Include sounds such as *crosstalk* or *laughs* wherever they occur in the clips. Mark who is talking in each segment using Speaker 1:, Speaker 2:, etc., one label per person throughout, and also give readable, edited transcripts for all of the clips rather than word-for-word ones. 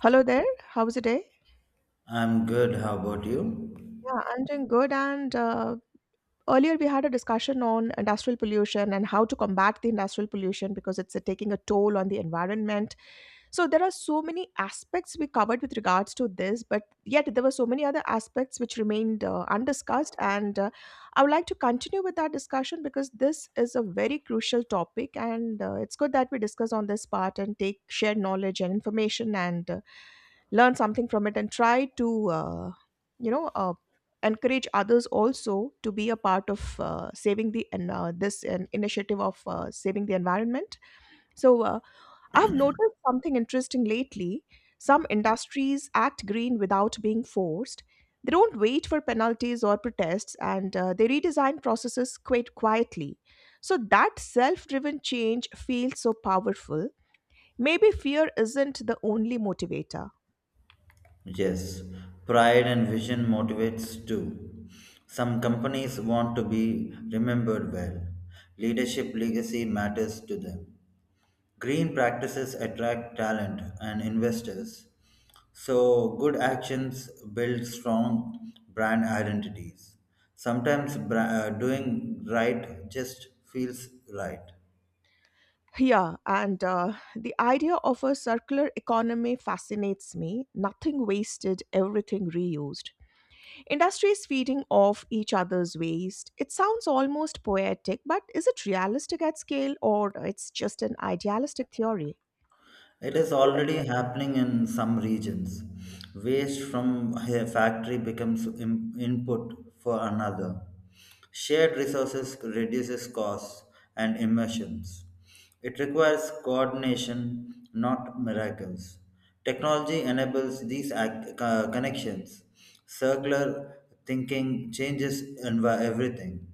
Speaker 1: Hello there. How's the day?
Speaker 2: I'm good. How about you?
Speaker 1: Yeah, I'm doing good. And Earlier we had a discussion on industrial pollution and how to combat the industrial pollution because it's taking a toll on the environment. So there are so many aspects we covered with regards to this, but yet there were so many other aspects which remained undiscussed. And I would like to continue with that discussion because this is a very crucial topic, and it's good that we discuss on this part and take shared knowledge and information and learn something from it and try to you know uh, encourage others also to be a part of saving the and this an initiative of saving the environment so uh, I've noticed something interesting lately. Some industries act green without being forced. They don't wait for penalties or protests, and they redesign processes quite quietly. So that self-driven change feels so powerful. Maybe fear isn't the only motivator.
Speaker 2: Yes, pride and vision motivates too. Some companies want to be remembered well. Leadership legacy matters to them. Green practices attract talent and investors. So, good actions build strong brand identities. Sometimes doing right just feels right.
Speaker 1: Yeah, and The idea of a circular economy fascinates me. Nothing wasted, everything reused. Industries feeding off each other's waste. It sounds almost poetic, but is it realistic at scale or it's just an idealistic theory?
Speaker 2: It is already happening in some regions. Waste from a factory becomes input for another. Shared resources reduces costs and emissions. It requires coordination, not miracles. Technology enables these connections. Circular thinking changes everything.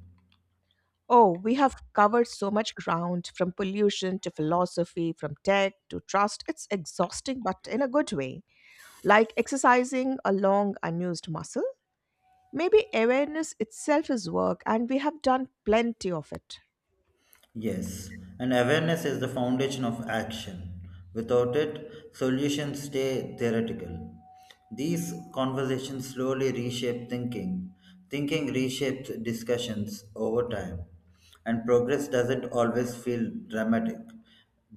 Speaker 1: Oh, we have covered so much ground from pollution to philosophy, from tech to trust. It's exhausting, but in a good way. Like exercising a long unused muscle. Maybe awareness itself is work, and we have done plenty of it.
Speaker 2: Yes, and awareness is the foundation of action. Without it, solutions stay theoretical. These conversations slowly reshape thinking. Thinking reshapes discussions over time. And progress doesn't always feel dramatic.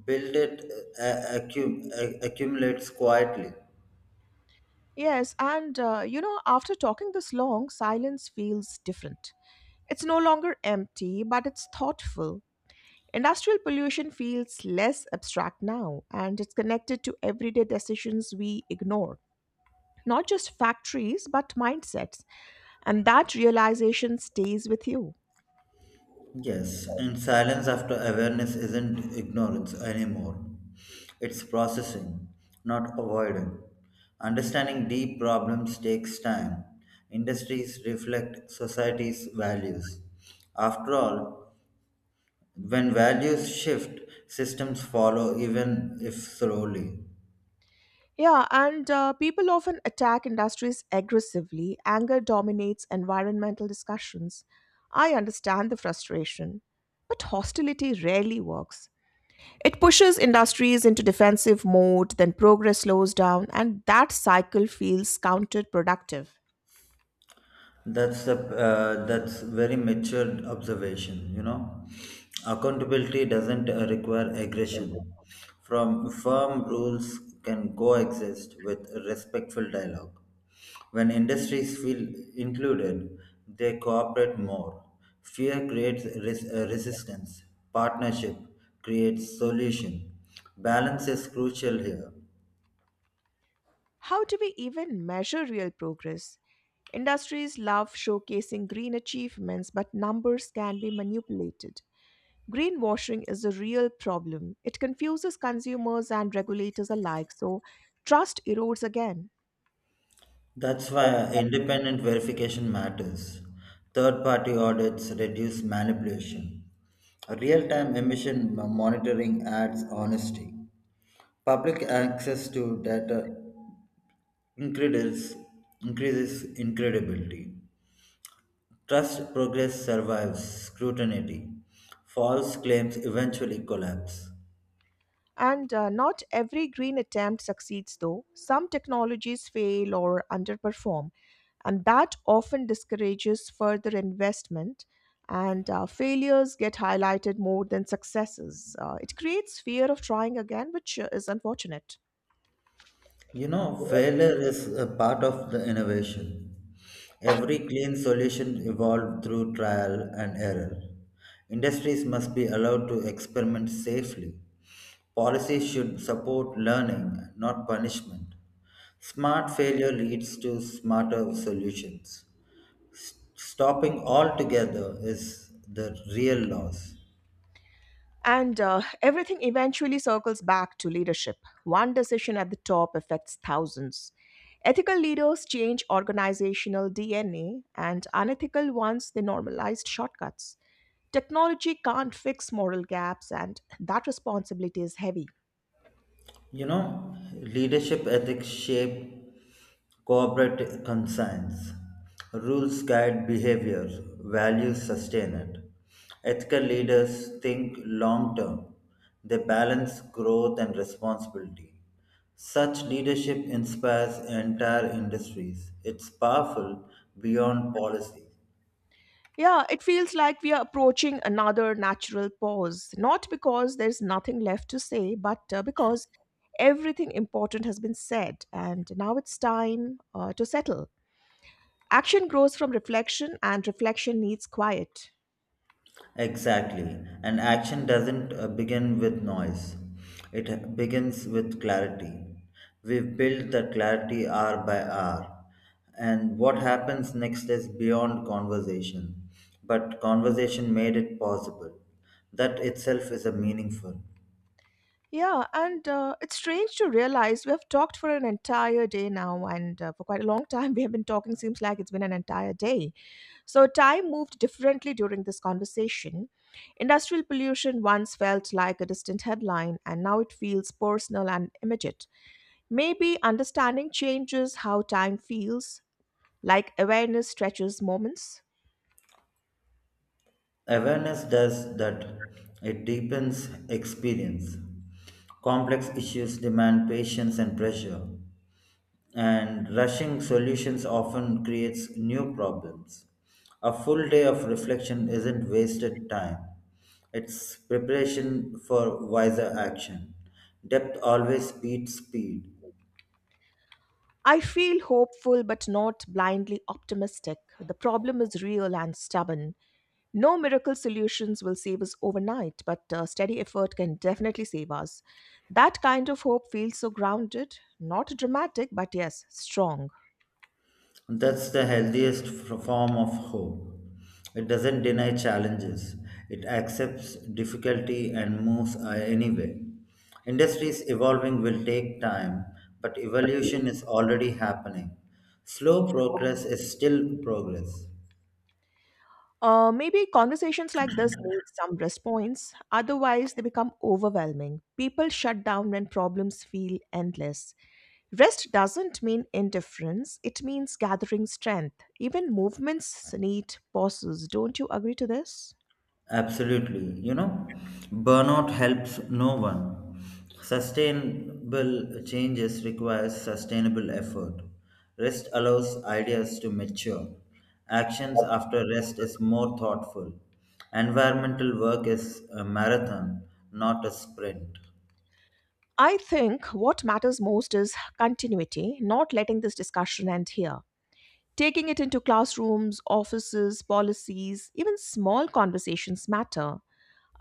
Speaker 2: Build it accumulates quietly.
Speaker 1: After talking this long, silence feels different. It's no longer empty, but it's thoughtful. Industrial pollution feels less abstract now, and it's connected to everyday decisions we ignore. Not just factories, but mindsets. And that realization stays with you.
Speaker 2: Yes, and silence after awareness isn't ignorance anymore. It's processing, not avoiding. Understanding deep problems takes time. Industries reflect society's values. After all, when values shift, systems follow even if slowly.
Speaker 1: Yeah, and People often attack industries aggressively. Anger dominates environmental discussions. I understand the frustration, but hostility rarely works. It pushes industries into defensive mode, then progress slows down, and that cycle feels counterproductive.
Speaker 2: That's very matured observation. You know, accountability doesn't require aggression. From firm rules can coexist with respectful dialogue. When industries feel included, they cooperate more. Fear creates resistance. Partnership creates solution. Balance is crucial here.
Speaker 1: How do we even measure real progress? Industries love showcasing green achievements, but numbers can be manipulated. Greenwashing is a real problem. It confuses consumers and regulators alike, so trust erodes again.
Speaker 2: That's why independent verification matters. Third party audits reduce manipulation. Real time emission monitoring adds honesty. Public access to data increases, increases incredibility. Trust progress survives scrutiny. False claims eventually collapse.
Speaker 1: And Not every green attempt succeeds, though. Some technologies fail or underperform, and that often discourages further investment. And Failures get highlighted more than successes. It creates fear of trying again, which is unfortunate.
Speaker 2: You know, failure is a part of the innovation. Every clean solution evolved through trial and error. Industries must be allowed to experiment safely. Policies should support learning, not punishment. Smart failure leads to smarter solutions. Stopping altogether is the real loss.
Speaker 1: And Everything eventually circles back to leadership. One decision at the top affects thousands. Ethical leaders change organizational DNA, and unethical ones, they normalized shortcuts. Technology can't fix moral gaps, and that responsibility is heavy.
Speaker 2: You know, leadership ethics shape corporate conscience. Rules guide behavior, values sustain it. Ethical leaders think long term, they balance growth and responsibility. Such leadership inspires entire industries. It's powerful beyond policy.
Speaker 1: Yeah, it feels like we are approaching another natural pause, not because there's nothing left to say, but because everything important has been said, and now it's time to settle. Action grows from reflection, and reflection needs quiet.
Speaker 2: Exactly. And action doesn't begin with noise, it begins with clarity. We build that clarity hour by hour. And what happens next is beyond conversation. But conversation made it possible. That itself is a meaningful.
Speaker 1: Yeah, and It's strange to realize we have talked for an entire day now, and for quite a long *laughs* time we have been talking. Seems like it's been an entire day. So, time moved differently during this conversation. Industrial pollution once felt like a distant headline, and now it feels personal and immediate. Maybe understanding changes how time feels, like awareness stretches moments.
Speaker 2: Awareness does that, it deepens experience. Complex issues demand patience and pressure, and rushing solutions often creates new problems. A full day of reflection isn't wasted time. It's preparation for wiser action. Depth always beats speed.
Speaker 1: I feel hopeful but not blindly optimistic. The problem is real and stubborn. No miracle solutions will save us overnight, but steady effort can definitely save us. That kind of hope feels so grounded, not dramatic, but yes, strong.
Speaker 2: That's the healthiest form of hope. It doesn't deny challenges, it accepts difficulty and moves anyway. Industries evolving will take time, but evolution is already happening. Slow progress is still progress.
Speaker 1: Maybe conversations like this need some response, otherwise, they become overwhelming. People shut down when problems feel endless. Rest doesn't mean indifference, it means gathering strength. Even movements need pauses. Don't you agree to this?
Speaker 2: Absolutely. You know, burnout helps no one. Sustainable changes requires sustainable effort. Rest allows ideas to mature. Actions after rest is more thoughtful. Environmental work is a marathon, not a sprint.
Speaker 1: I think what matters most is continuity, not letting this discussion end here. Taking it into classrooms, offices, policies, even small conversations matter.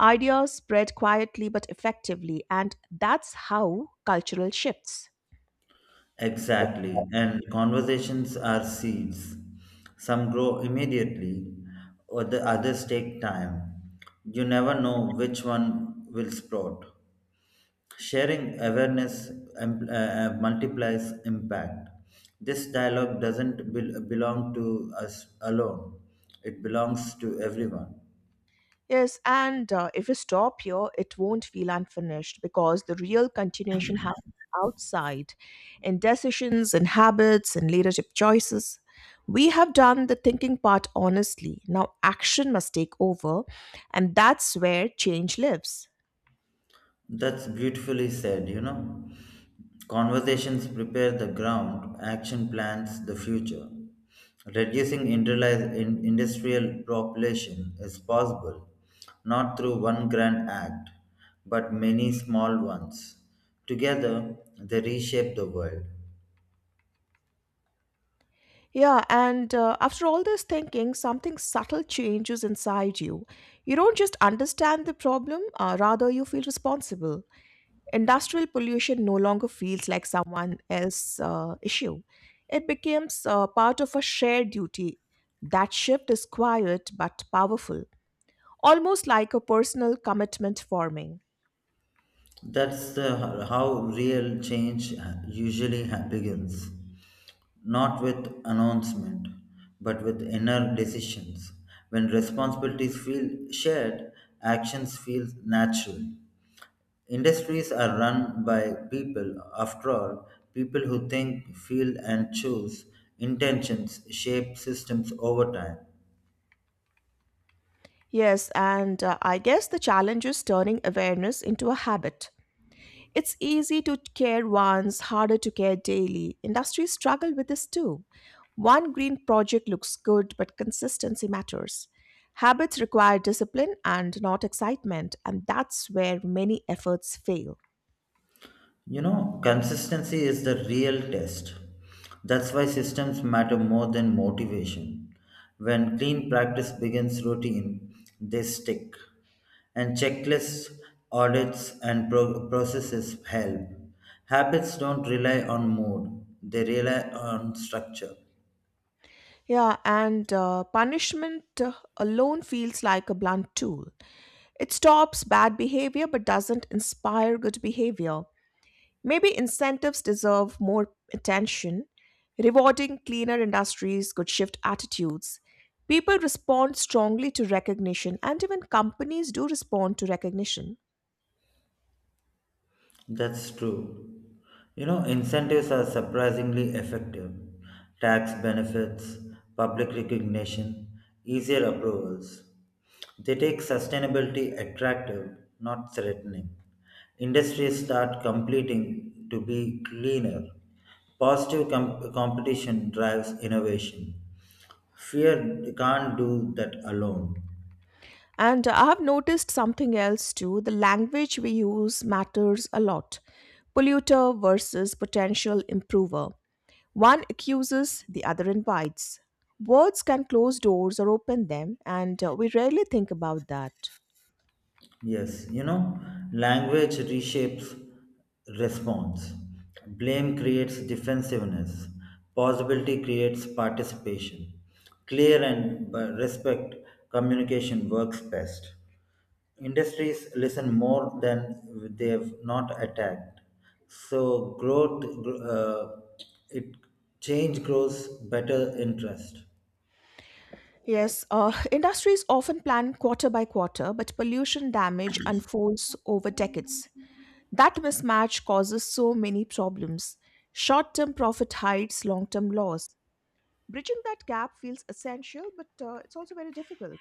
Speaker 1: Ideas spread quietly but effectively, and that's how cultural shifts.
Speaker 2: Exactly. And conversations are seeds. Some grow immediately, or the others take time. You never know which one will sprout. Sharing awareness multiplies impact. This dialogue doesn't belong to us alone, it belongs to everyone.
Speaker 1: Yes, and If you stop here, it won't feel unfinished because the real continuation happens outside in decisions in habits and leadership choices. We have done the thinking part honestly. Now action must take over, and that's where change lives.
Speaker 2: That's beautifully said, you know. Conversations prepare the ground, action plans the future. Reducing industrial population is possible not through one grand act, but many small ones. Together, they reshape the world.
Speaker 1: Yeah, and After all this thinking, something subtle changes inside you. You don't just understand the problem, rather, you feel responsible. Industrial pollution no longer feels like someone else's issue. It becomes part of a shared duty. That shift is quiet but powerful, almost like a personal commitment forming.
Speaker 2: That's the how real change usually begins, not with announcement, but with inner decisions. When responsibilities feel shared, actions feel natural. Industries are run by people, after all, people who think, feel, and choose. Intentions shape systems over time.
Speaker 1: Yes, and I guess the challenge is turning awareness into a habit. It's easy to care once, harder to care daily. Industries struggle with this too. One green project looks good, but consistency matters. Habits require discipline and not excitement, and that's where many efforts fail.
Speaker 2: You know, consistency is the real test. That's why systems matter more than motivation. When clean practice begins routine, they stick. And checklists, audits, and processes help. Habits don't rely on mood, they rely on structure.
Speaker 1: Yeah, and Punishment alone feels like a blunt tool. It stops bad behavior but doesn't inspire good behavior. Maybe incentives deserve more attention. Rewarding cleaner industries could shift attitudes. People respond strongly to recognition, and even companies do respond to recognition.
Speaker 2: That's true. You know, incentives are surprisingly effective. Tax benefits, public recognition, easier approvals. They take sustainability attractive, not threatening. Industries start completing to be cleaner. Positive competition drives innovation. Fear can't do that alone.
Speaker 1: And I have noticed something else too, the language we use matters a lot. Polluter versus potential improver. One accuses, the other invites. Words can close doors or open them, and we rarely think about that.
Speaker 2: Yes, you know, language reshapes response. Blame creates defensiveness. Possibility creates participation. Clear and respect communication works best. Industries listen more than they have not attacked. So growth, gr- it change grows better interest.
Speaker 1: Yes, *laughs* industries often plan quarter by quarter, but pollution damage unfolds over decades. That mismatch causes so many problems. Short term profit hides long term loss. Bridging that gap feels essential, but it's also very difficult.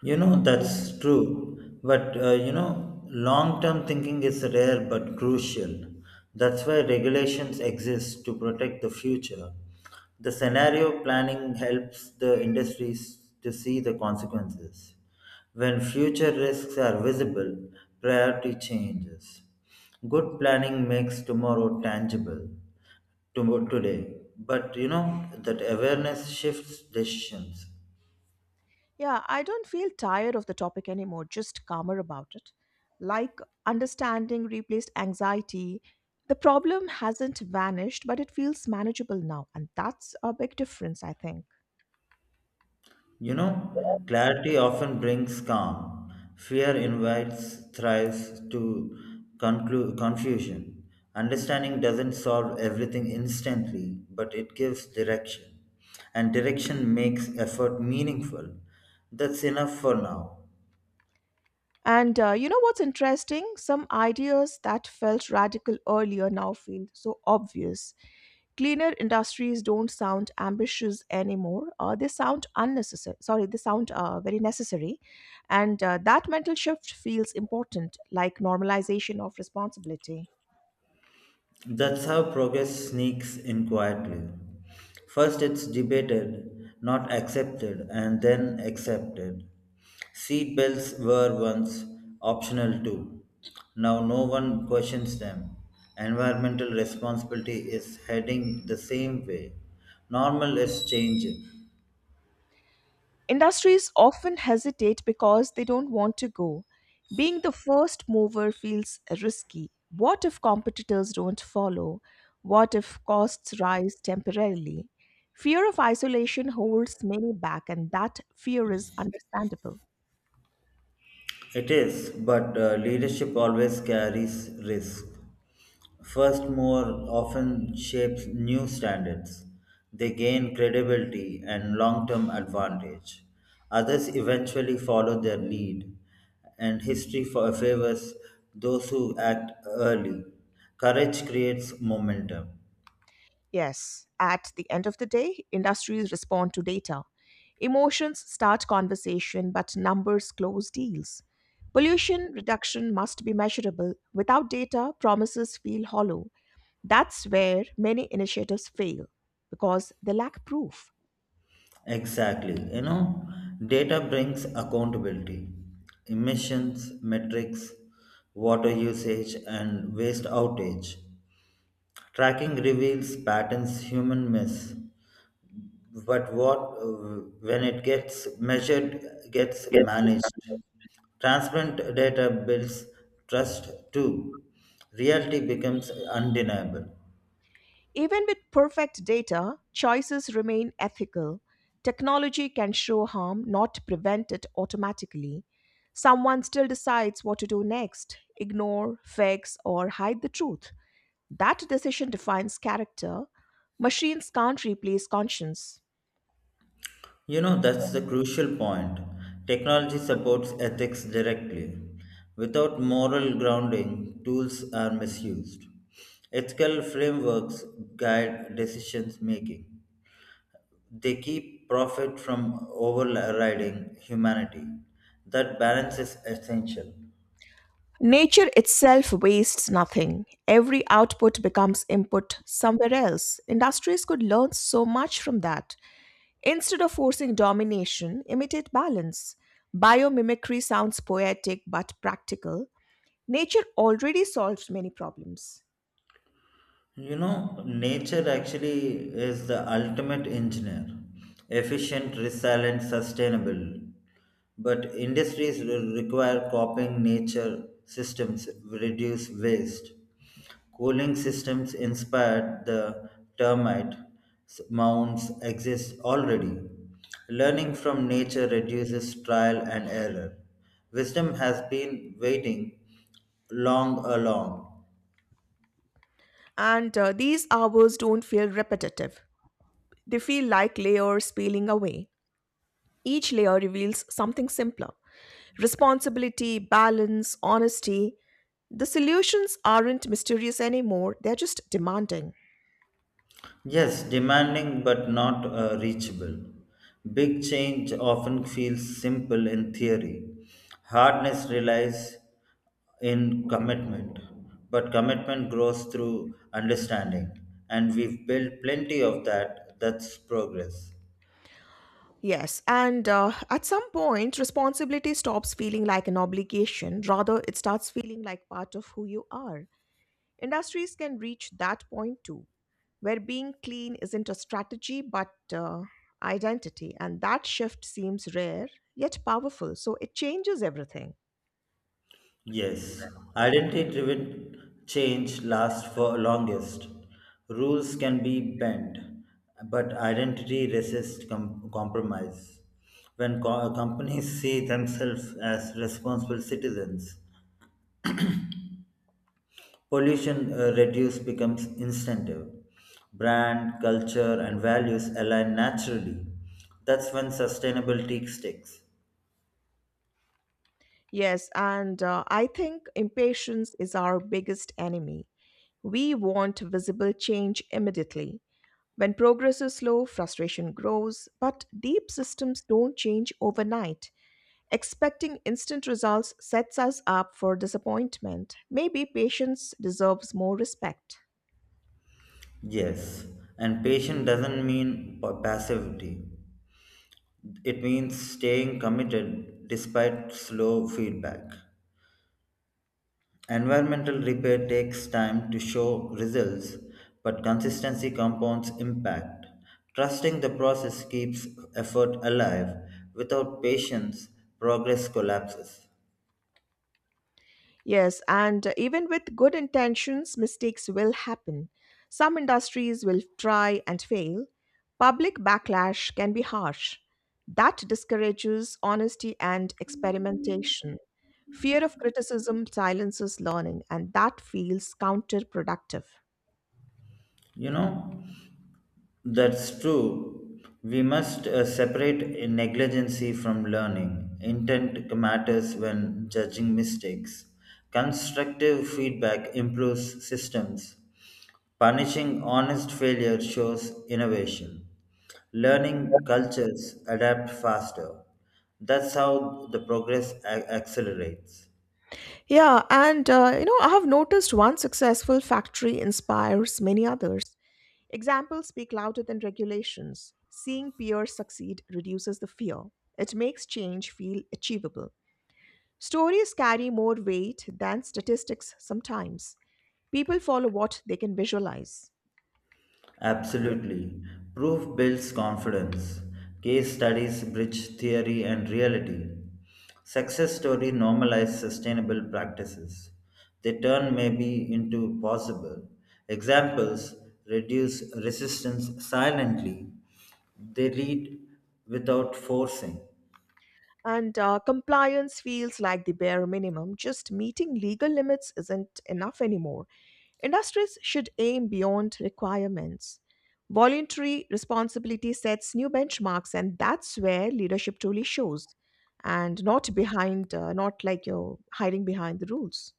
Speaker 2: You know, that's true. You know, long term thinking is rare but crucial. That's why regulations exist to protect the future. The scenario planning helps the industries to see the consequences. When future risks are visible, priority changes. Good planning makes tomorrow tangible today. But, you know, that awareness shifts decisions.
Speaker 1: Yeah, I don't feel tired of the topic anymore, just calmer about it. Like understanding replaced anxiety, the problem hasn't vanished, but it feels manageable now, and that's a big difference, I think.
Speaker 2: You know, clarity often brings calm. Fear invites thrives to confusion. Understanding doesn't solve everything instantly, but it gives direction. And direction makes effort meaningful. That's enough for now.
Speaker 1: And You know what's interesting? Some ideas that felt radical earlier now feel so obvious. Cleaner industries don't sound ambitious anymore. They sound unnecessary. Sorry, they sound very necessary. And That mental shift feels important, like normalization of responsibility.
Speaker 2: That's how progress sneaks in quietly. First, it's debated, not accepted, and then accepted. Seat belts were once optional too. Now, no one questions them. Environmental responsibility is heading the same way. Normal is changing.
Speaker 1: Industries often hesitate because they don't want to go. Being the first mover feels risky. What if competitors don't follow? What if costs rise temporarily? Fear of isolation holds many back, and that fear is understandable.
Speaker 2: It is, but leadership always carries risk. First, more often shapes new standards. They gain credibility and long term advantage. Others eventually follow their lead, and history favors those who act early. Courage creates momentum.
Speaker 1: Yes, at the end of the day, industries respond to data. Emotions start conversation, but numbers close deals. Pollution reduction must be measurable. Without data, promises feel hollow. That's where many initiatives fail because they lack proof.
Speaker 2: Exactly. You know, data brings accountability, emissions, metrics, water usage, and waste outage. Tracking reveals patterns human miss, but what when it gets measured gets managed. Transparent data builds trust too. Reality becomes undeniable.
Speaker 1: Even with perfect data, choices remain ethical. Technology can show harm, not prevent it automatically. Someone still decides what to do next, ignore, fix, or hide the truth. That decision defines character. Machines can't replace conscience.
Speaker 2: You know, that's the crucial point. Technology supports ethics directly. Without moral grounding, tools are misused. Ethical frameworks guide decisions making. They keep profit from overriding humanity. That balance is essential.
Speaker 1: Nature itself wastes nothing. Every output becomes input somewhere else. Industries could learn so much from that. Instead of forcing domination, imitate balance. Biomimicry sounds poetic but practical. Nature already solves many problems.
Speaker 2: You know, nature actually is the ultimate engineer efficient, resilient, sustainable. But industries will require copying nature systems, reduce waste. Cooling systems inspired the termite mounds exist already. Learning from nature reduces trial and error. Wisdom has been waiting long along.
Speaker 1: And These hours don't feel repetitive, they feel like layers peeling away. Each layer reveals something simpler, responsibility, balance, honesty. The solutions aren't mysterious anymore, they're just demanding.
Speaker 2: Yes, demanding but not reachable. Big change often feels simple in theory. Hardness relies in commitment, but commitment grows through understanding, and we've built plenty of that. That's progress.
Speaker 1: Yes, and At some point, responsibility stops feeling like an obligation. Rather, it starts feeling like part of who you are. Industries can reach that point too, where being clean isn't a strategy but identity. And that shift seems rare yet powerful. So it changes everything.
Speaker 2: Yes, identity-driven change lasts for longest. Rules can be bent, but identity resists compromise. When companies see themselves as responsible citizens, pollution reduce becomes instinctive. Brand, culture, and values align naturally. That's when sustainability sticks.
Speaker 1: Yes, and I think impatience is our biggest enemy. We want visible change immediately. When progress is slow, frustration grows, but deep systems don't change overnight. Expecting instant results sets us up for disappointment. Maybe patience deserves more respect.
Speaker 2: Yes, and patient doesn't mean passivity. It means staying committed despite slow feedback. Environmental repair takes time to show results, but consistency compounds impact. Trusting the process keeps effort alive. Without patience, progress collapses.
Speaker 1: Yes, and even with good intentions, mistakes will happen. Some industries will try and fail. Public backlash can be harsh. That discourages honesty and experimentation. Fear of criticism silences learning, and that feels counterproductive.
Speaker 2: You know? That's true. We must separate negligency from learning. Intent matters when judging mistakes. Constructive feedback improves systems. Punishing honest failure shows innovation. Learning cultures adapt faster. That's how the progress accelerates.
Speaker 1: I have noticed one successful factory inspires many others. Examples speak louder than regulations. Seeing peers succeed reduces the fear. It makes change feel achievable. Stories carry more weight than statistics sometimes. People follow what they can visualize.
Speaker 2: Absolutely. Proof builds confidence. Case studies bridge theory and reality. Success story normalize sustainable practices. They turn maybe into possible. Examples reduce resistance silently. They lead without forcing.
Speaker 1: And Compliance feels like the bare minimum. Just meeting legal limits isn't enough anymore. Industries should aim beyond requirements. Voluntary responsibility sets new benchmarks, and that's where leadership truly shows, and not behind, not like you're hiding behind the rules.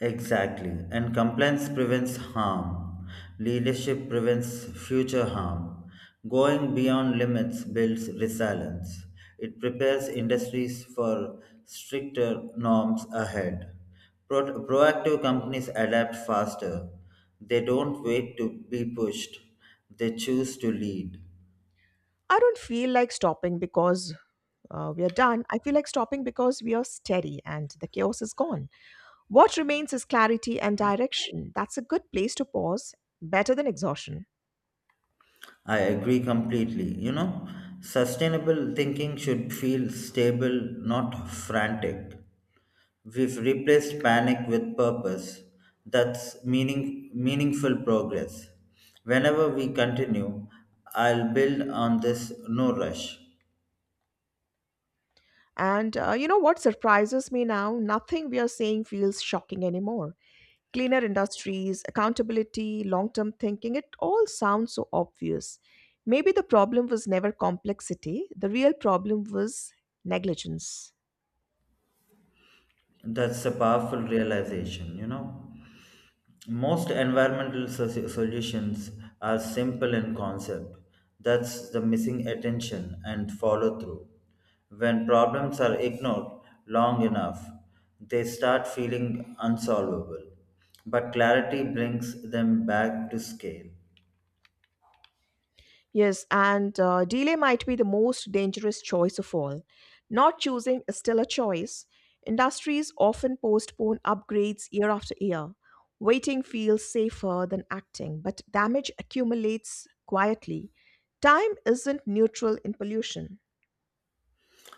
Speaker 2: Exactly. And compliance prevents harm. Leadership prevents future harm. Going beyond limits builds resilience. It prepares industries for stricter norms ahead. Proactive companies adapt faster. They don't wait to be pushed, they choose to lead.
Speaker 1: I don't feel like stopping because we are done. I feel like stopping because we are steady and the chaos is gone. What remains is clarity and direction. That's a good place to pause, better than exhaustion.
Speaker 2: I agree completely. You know, sustainable thinking should feel stable, not frantic. We've replaced panic with purpose. That's meaningful progress. Whenever we continue, I'll build on this no rush.
Speaker 1: And You know what surprises me now? Nothing we are saying feels shocking anymore. Cleaner industries, accountability, long term thinking, it all sounds so obvious. Maybe the problem was never complexity, the real problem was negligence.
Speaker 2: That's a powerful realization, you know. Most environmental solutions are simple in concept. That's the missing attention and follow through. When problems are ignored long enough, they start feeling unsolvable. But clarity brings them back to scale.
Speaker 1: Yes, and Delay might be the most dangerous choice of all. Not choosing is still a choice. Industries often postpone upgrades year after year. Waiting feels safer than acting, but damage accumulates quietly. Time isn't neutral in pollution.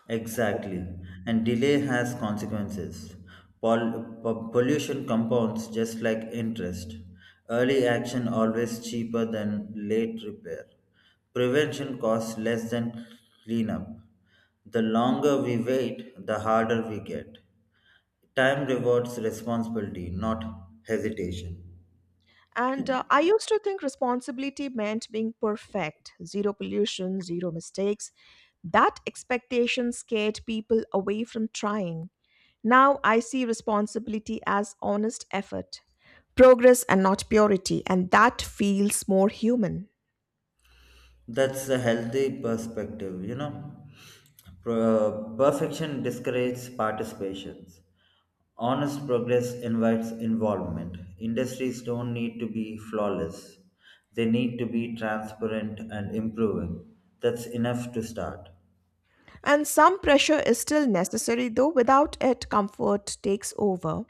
Speaker 2: Exactly. And delay has consequences. Pollution compounds just like interest. Early action always cheaper than late repair. Prevention costs less than cleanup. The longer we wait, the harder we get. Time rewards responsibility, not hesitation.
Speaker 1: And I used to think responsibility meant being perfect, zero pollution, zero mistakes. That expectation scared people away from trying. Now I see responsibility as honest effort, progress, and not purity, and that feels more human.
Speaker 2: That's a healthy perspective, you know. Perfection discourages participations. Honest progress invites involvement. Industries don't need to be flawless, they need to be transparent and improving. That's enough to start.
Speaker 1: And some pressure is still necessary, though without it, comfort takes over.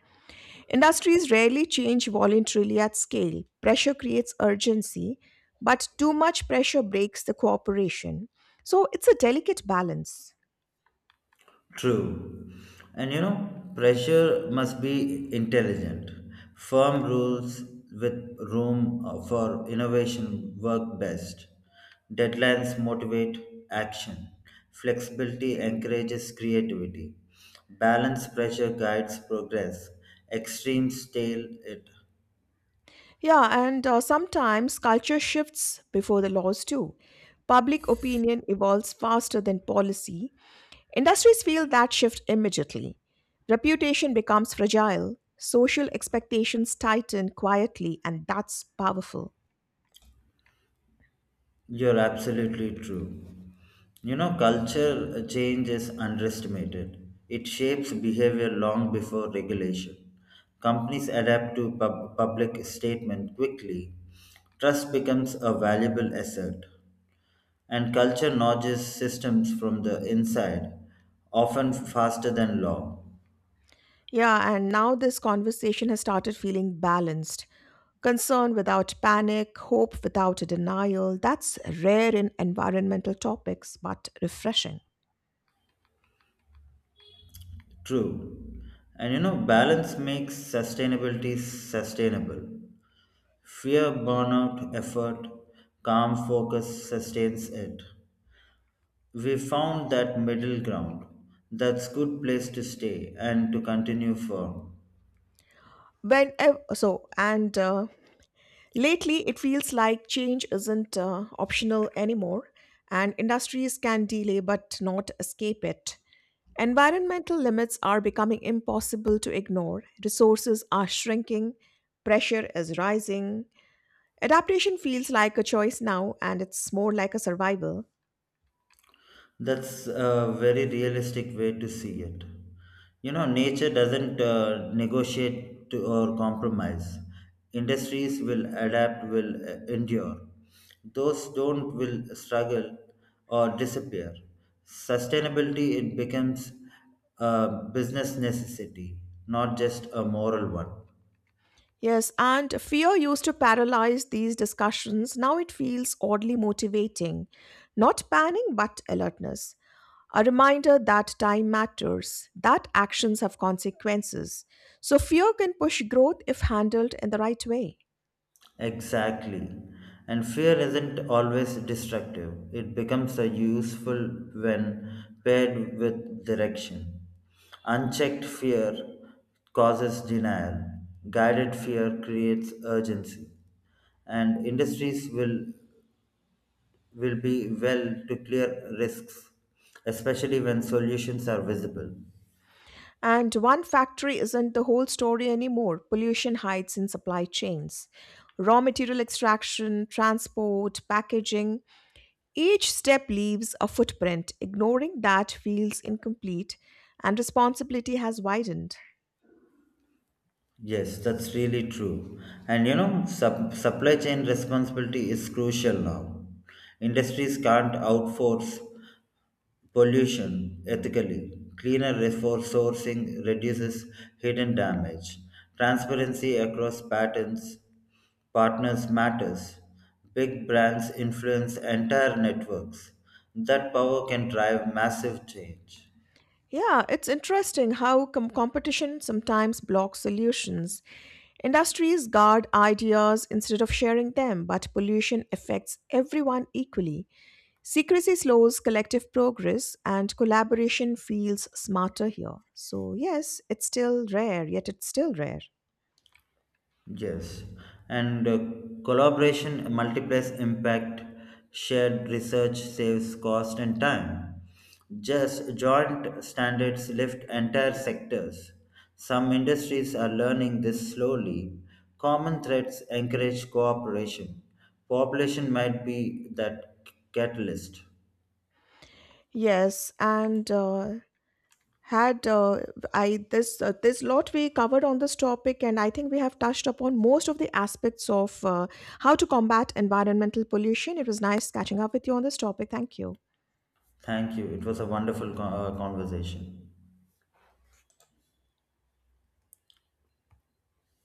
Speaker 1: Industries rarely change voluntarily at scale. Pressure creates urgency, but too much pressure breaks the cooperation. So it's a delicate balance.
Speaker 2: True. And you know, pressure must be intelligent. Firm rules with room for innovation work best. Deadlines motivate action. Flexibility encourages creativity. Balanced pressure guides progress. Extremes stale it.
Speaker 1: Yeah, and Sometimes culture shifts before the laws, too. Public opinion evolves faster than policy. Industries feel that shift immediately. Reputation becomes fragile, social expectations tighten quietly, and that's powerful.
Speaker 2: You're absolutely true. You know, culture change is underestimated. It shapes behavior long before regulation. Companies adapt to public statement quickly. Trust becomes a valuable asset, and culture nudges systems from the inside, often faster than law.
Speaker 1: Yeah, and now this conversation has started feeling balanced. Concern without panic, hope without a denial. That's rare in environmental topics, but refreshing.
Speaker 2: True. And you know, balance makes sustainability sustainable. Fear burnout effort, calm focus sustains it. We found that middle ground. That's good place to stay and to continue firm.
Speaker 1: When ev- so, and Lately, it feels like change isn't optional anymore, and industries can delay but not escape it. Environmental limits are becoming impossible to ignore, resources are shrinking, pressure is rising. Adaptation feels like a choice now, and it's more like a survival.
Speaker 2: That's a very realistic way to see it. You know, nature doesn't negotiate to, or compromise. Industries will adapt, will endure. Those don't will struggle or disappear. Sustainability it becomes a business necessity, not just a moral one.
Speaker 1: Yes, and fear used to paralyze these discussions. Now it feels oddly motivating. Not panic, but alertness. A reminder that time matters, that actions have consequences. So fear can push growth if handled in the right way.
Speaker 2: Exactly. And fear isn't always destructive, it becomes a useful when paired with direction. Unchecked fear causes denial, guided fear creates urgency, and industries will be well to clear risks, especially when solutions are visible.
Speaker 1: And one factory isn't the whole story anymore. Pollution hides in supply chains. Raw material extraction, transport, packaging, each step leaves a footprint. Ignoring that feels incomplete, and responsibility has widened.
Speaker 2: Yes, that's really true. And you know, supply chain responsibility is crucial now. Industries can't outforce pollution ethically. Cleaner resource sourcing reduces hidden damage. Transparency across patents, partners matters. Big brands influence entire networks. That power can drive massive change.
Speaker 1: Yeah, it's interesting how competition sometimes blocks solutions. Industries guard ideas instead of sharing them, but pollution affects everyone equally. Secrecy slows collective progress, and collaboration feels smarter here. So, yes, it's still rare, yet it's still rare.
Speaker 2: Yes, and collaboration multiplies impact, shared research saves cost and time. Just joint standards lift entire sectors. Some industries are learning this slowly. Common threats encourage cooperation. Population might be that catalyst.
Speaker 1: Yes, and had I this This lot we covered on this topic, and I think we have touched upon most of the aspects of how to combat environmental pollution. It was nice catching up with you on this topic. Thank you.
Speaker 2: Thank you. It was a wonderful conversation.